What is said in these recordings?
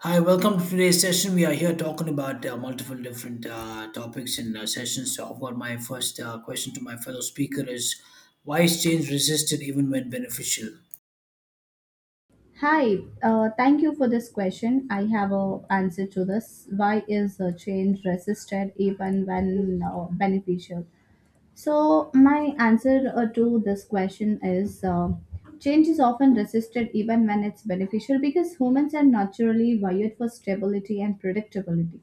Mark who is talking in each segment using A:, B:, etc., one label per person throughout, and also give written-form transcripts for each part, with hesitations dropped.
A: Hi, welcome to today's session. We are here talking about multiple different topics in sessions. So, I've got my first question to my fellow speaker is why is change resisted even when beneficial?
B: Hi, thank you for this question. I have a answer to this. Why is change resisted even when beneficial? So my answer to this question is change is often resisted even when it's beneficial because humans are naturally wired for stability and predictability.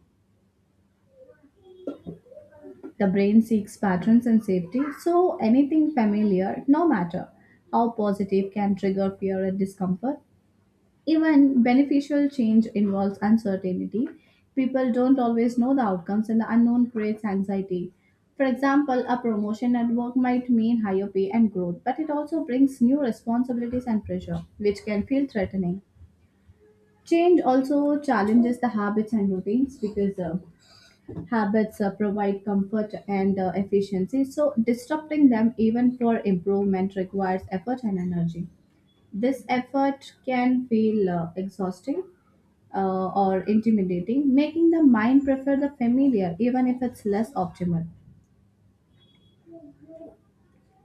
B: The brain seeks patterns and safety, so anything familiar, no matter how positive, can trigger fear and discomfort. Even beneficial change involves uncertainty. People don't always know the outcomes, and the unknown creates anxiety. For example, a promotion at work might mean higher pay and growth, but it also brings new responsibilities and pressure, which can feel threatening. Change also challenges the habits and routines because habits provide comfort and efficiency. So, disrupting them even for improvement requires effort and energy. This effort can feel exhausting or intimidating, making the mind prefer the familiar even if it's less optimal.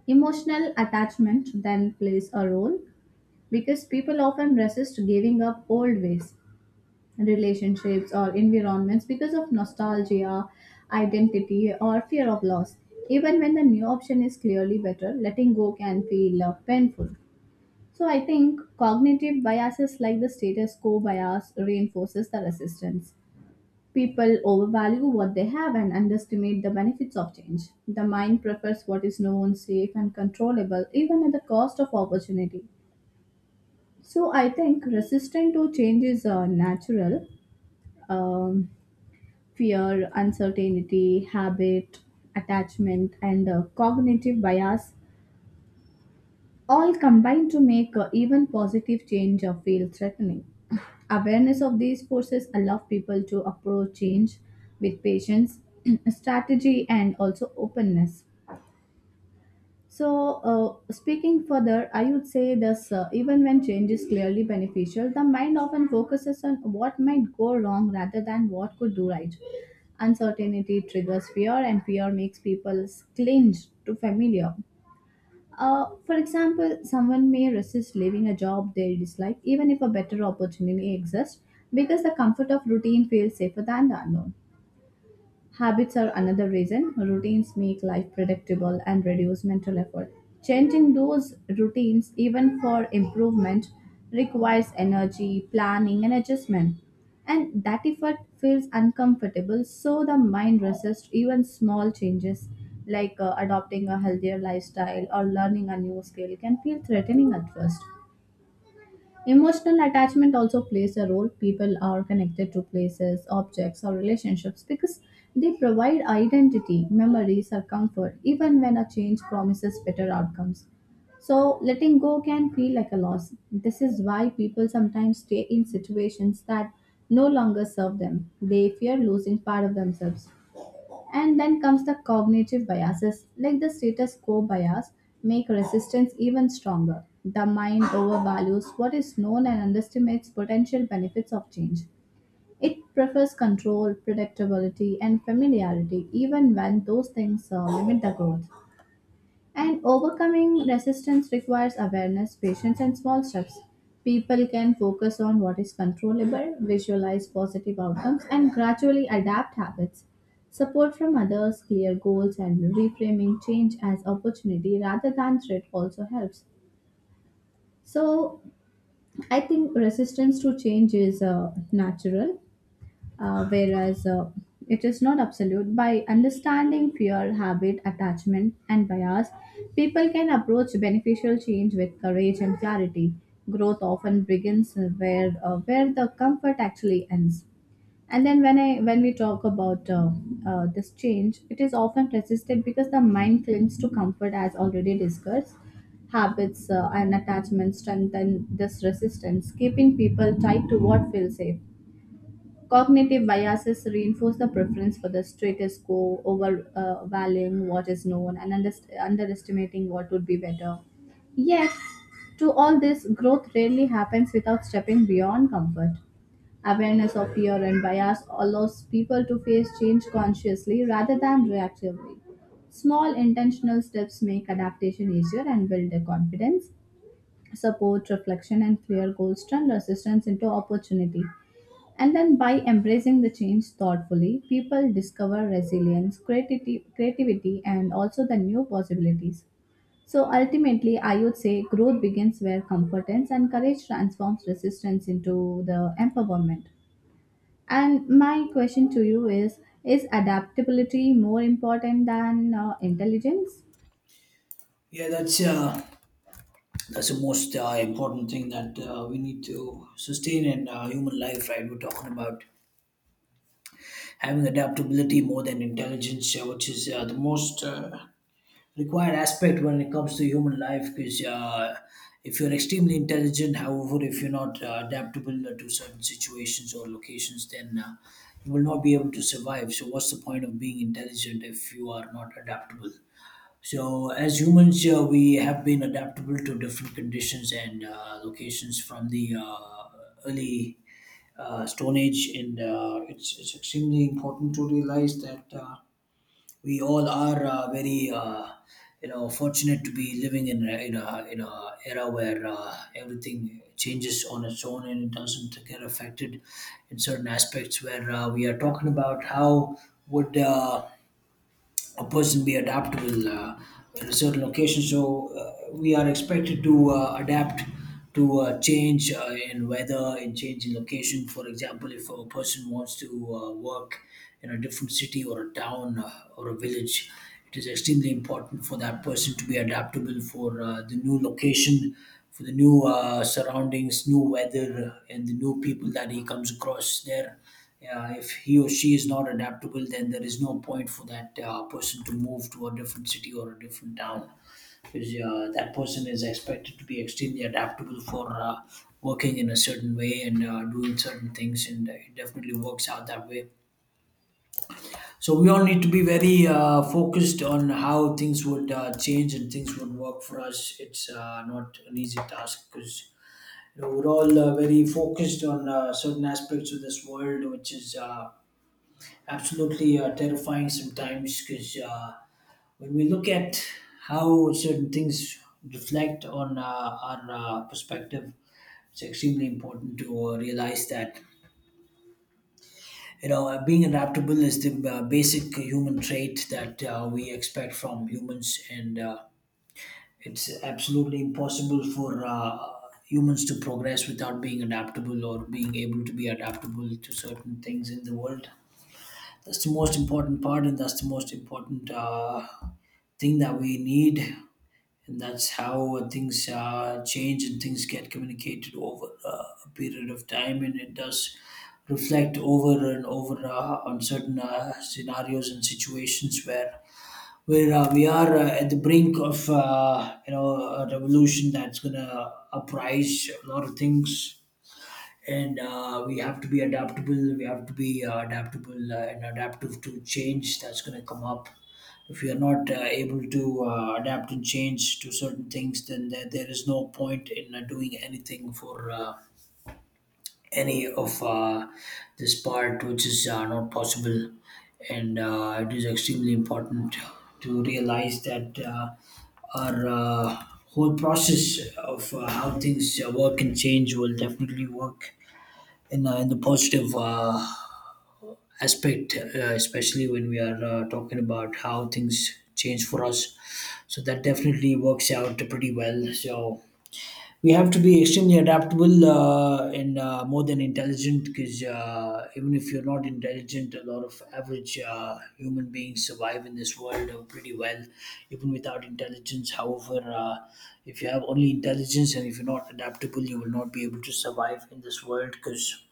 B: Emotional attachment then plays a role because people often resist giving up old ways, relationships, or environments because of nostalgia, identity, or fear of loss. Even when the new option is clearly better, letting go can feel painful. So I think cognitive biases like the status quo bias reinforces the resistance. People overvalue what they have and underestimate the benefits of change. The mind prefers what is known, safe, and controllable, even at the cost of opportunity. So I think resistance to change is natural. Um, Fear, uncertainty, habit, attachment, and cognitive bias all combine to make even positive change feel threatening. Awareness of these forces allow people to approach change with patience, strategy, and also openness. So, speaking further, I would say this even when change is clearly beneficial, the mind often focuses on what might go wrong rather than what could do right. Uncertainty triggers fear, and fear makes people cling to familiar. For example, someone may resist leaving a job they dislike even if a better opportunity exists because the comfort of routine feels safer than the unknown. Habits are another reason. Routines make life predictable and reduce mental effort. Changing those routines, even for improvement, requires energy, planning, and adjustment. And that effort feels uncomfortable, so the mind resists even small changes like adopting a healthier lifestyle or learning a new skill can feel threatening at first. Emotional attachment also plays a role. People are connected to places, objects, or relationships because they provide identity, memories, or comfort, even when a change promises better outcomes. So, letting go can feel like a loss. This is why people sometimes stay in situations that no longer serve them. They fear losing part of themselves. And then comes the cognitive biases, like the status quo bias, make resistance even stronger. The mind overvalues what is known and underestimates potential benefits of change. It prefers control, predictability, and familiarity, even when those things limit the growth. And overcoming resistance requires awareness, patience, and small steps. People can focus on what is controllable, visualize positive outcomes, and gradually adapt habits. Support from others, clear goals, and reframing change as opportunity rather than threat also helps. So, I think resistance to change is natural whereas it is not absolute. By understanding fear, habit, attachment, and bias, people can approach beneficial change with courage and clarity. Growth often begins where the comfort actually ends. And then when we talk about this change, it is often resisted because the mind clings to comfort, as already discussed. Habits and attachments strengthen this resistance, keeping people tied to what feels safe. Cognitive biases reinforce the preference for the status quo over valuing what is known and underestimating what would be better. Yet, to all this, growth rarely happens without stepping beyond comfort. Awareness of fear and bias allows people to face change consciously rather than reactively. Small intentional steps make adaptation easier and build their confidence, support, reflection, and clear goals turn resistance into opportunity. And then by embracing the change thoughtfully, people discover resilience, creativity and also the new possibilities. So ultimately, I would say growth begins where comfort ends and courage transforms resistance into the empowerment. And my question to you is adaptability more important than intelligence?
A: Yeah, that's the most important thing that we need to sustain in human life, right? We're talking about having adaptability more than intelligence, which is the most required aspect when it comes to human life because if you're extremely intelligent, however, if you're not adaptable to certain situations or locations, then you will not be able to survive. So what's the point of being intelligent if you are not adaptable? So as humans, we have been adaptable to different conditions and locations from the early stone age, and it's extremely important to realize that we all are very you know, fortunate to be living in a era where everything changes on its own and it doesn't get affected in certain aspects where we are talking about how would a person be adaptable in a certain location. So we are expected to adapt to change in weather, in change in location. For example, if a person wants to work in a different city or a town, or a village, it is extremely important for that person to be adaptable for the new location, for the new surroundings, new weather, and the new people that he comes across there. Yeah, if he or she is not adaptable, then there is no point for that person to move to a different city or a different town, because that person is expected to be extremely adaptable for working in a certain way and doing certain things, and it definitely works out that way. So we all need to be very focused on how things would change and things would work for us. It's not an easy task because you know, we're all very focused on certain aspects of this world, which is absolutely terrifying sometimes, because when we look at how certain things reflect on our perspective, it's extremely important to realize that you know, being adaptable is the basic human trait that we expect from humans, and it's absolutely impossible for. Humans to progress without being adaptable or being able to be adaptable to certain things in the world. That's the most important part, and that's the most important thing that we need. And that's how things change and things get communicated over a period of time, and it does reflect over and over on certain scenarios and situations where we are at the brink of you know, a revolution that's gonna uprise a lot of things, and we have to be adaptable. We have to be adaptable and adaptive to change that's going to come up. If we are not able to adapt and change to certain things, then there is no point in doing anything for any of this part, which is not possible. And it is extremely important to realize that our whole process of how things work and change will definitely work in the positive aspect, especially when we are talking about how things change for us. So that definitely works out pretty well. So we have to be extremely adaptable and more than intelligent, because even if you're not intelligent, a lot of average human beings survive in this world pretty well, even without intelligence. However, if you have only intelligence and if you're not adaptable, you will not be able to survive in this world, because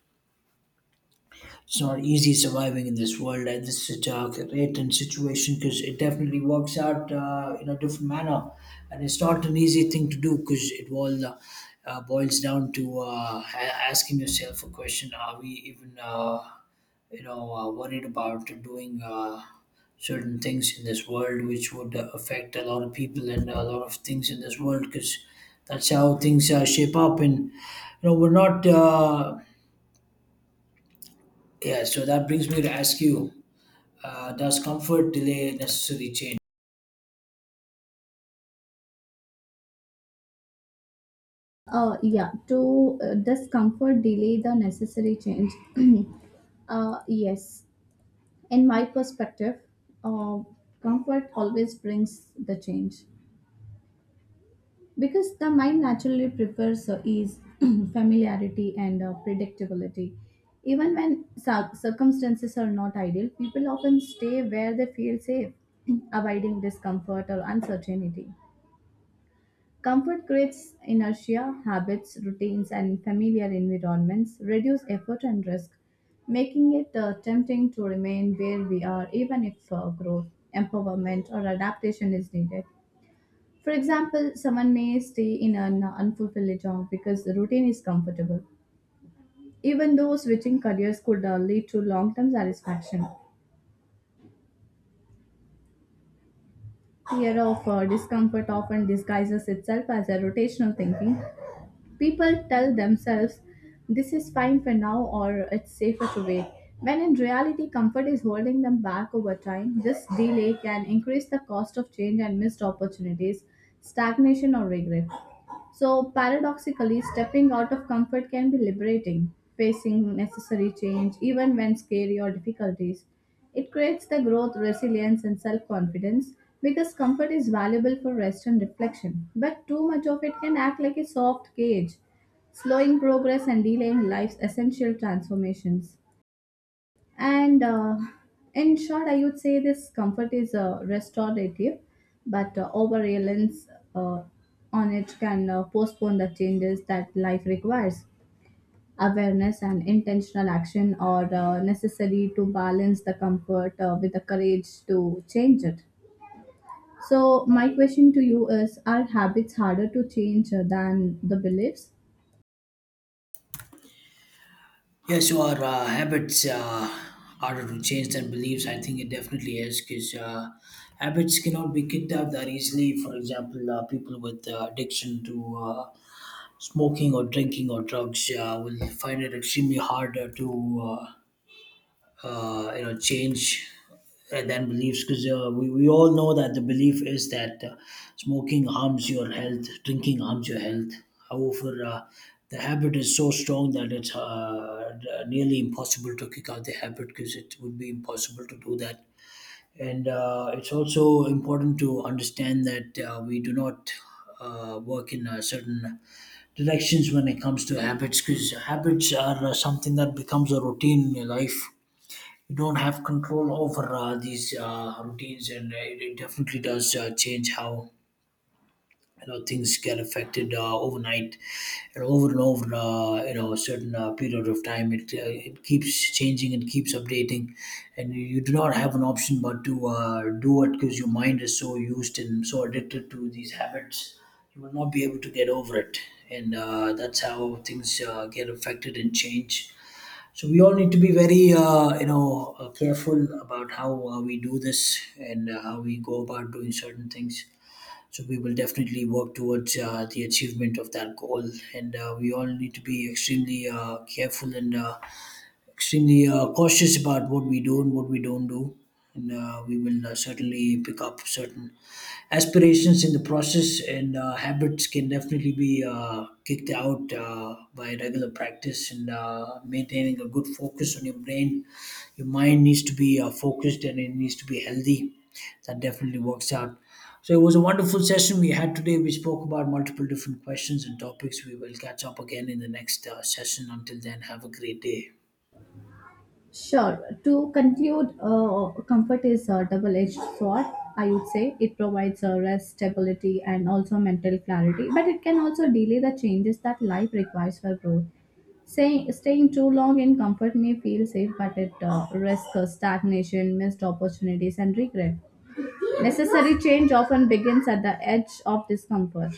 A: it's not easy surviving in this world. This is such a great and situation, because it definitely works out in a different manner, and it's not an easy thing to do because it all boils down to asking yourself a question: are we even, you know, worried about doing? Certain things in this world which would affect a lot of people and a lot of things in this world, because that's how things shape up, and you know we're not yeah, so that brings me to ask you, does comfort delay necessary change?
B: Yeah, to discomfort delay the necessary change. Yes, in my perspective, uh, comfort always brings the change because the mind naturally prefers ease, familiarity, and predictability. Even when circumstances are not ideal, people often stay where they feel safe, avoiding discomfort or uncertainty. Comfort creates inertia, habits, routines, and familiar environments reduce effort and risk, making it tempting to remain where we are even if growth, empowerment, or adaptation is needed. For example, someone may stay in an unfulfilled job because the routine is comfortable, even though switching careers could lead to long term satisfaction. Fear of discomfort often disguises itself as a rotational thinking. People tell themselves this is fine for now or it's safer to wait. When in reality, comfort is holding them back over time. This delay can increase the cost of change and missed opportunities, stagnation, or regret. So, paradoxically, stepping out of comfort can be liberating, facing necessary change, even when scary or difficulties. It creates the growth, resilience, and self confidence because comfort is valuable for rest and reflection. But too much of it can act like a soft cage, slowing progress and delaying life's essential transformations. And in short, I would say this comfort is restorative, but over reliance uh, on it can postpone the changes that life requires. Awareness and intentional action are necessary to balance the comfort with the courage to change it. So, my question to you is, are habits harder to change than the beliefs?
A: Yes, your habits harder to change than beliefs. I think it definitely is, because habits cannot be kicked out that easily. For example, people with addiction to smoking or drinking or drugs will find it extremely hard to. You know, change than beliefs, because we all know that the belief is that smoking harms your health, drinking harms your health, however, the habit is so strong that it's nearly impossible to kick out the habit, because it would be impossible to do that. And it's also important to understand that we do not work in certain directions when it comes to habits, because habits are something that becomes a routine in your life. You don't have control over these routines, and it definitely does change how you know things get affected overnight, and over you know, a certain period of time it keeps changing and keeps updating, and you do not have an option but to do it, because your mind is so used and so addicted to these habits, you will not be able to get over it. And that's how things get affected and change. So we all need to be very, you know, careful about how we do this and how we go about doing certain things. So we will definitely work towards the achievement of that goal, and we all need to be extremely careful and extremely cautious about what we do and what we don't do. And we will certainly pick up certain aspirations in the process, and habits can definitely be kicked out by regular practice and maintaining a good focus on your brain. Your mind needs to be focused and it needs to be healthy. That definitely works out. So it was a wonderful session we had today. We spoke about multiple different questions and topics. We will catch up again in the next session. Until then, have a great day.
B: Sure. To conclude, comfort is a double edged sword, I would say. It provides a rest, stability, and also mental clarity, but it can also delay the changes that life requires for growth. Say, staying too long in comfort may feel safe, but it risks stagnation, missed opportunities, and regret. Necessary change often begins at the edge of discomfort.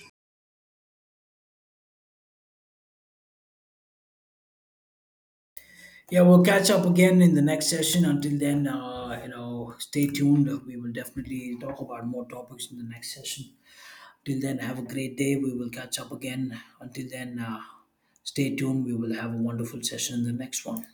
A: Yeah, we'll catch up again in the next session. Until then, you know, stay tuned. We will definitely talk about more topics in the next session. Till then, have a great day. We will catch up again. Until then, stay tuned. We will have a wonderful session in the next one.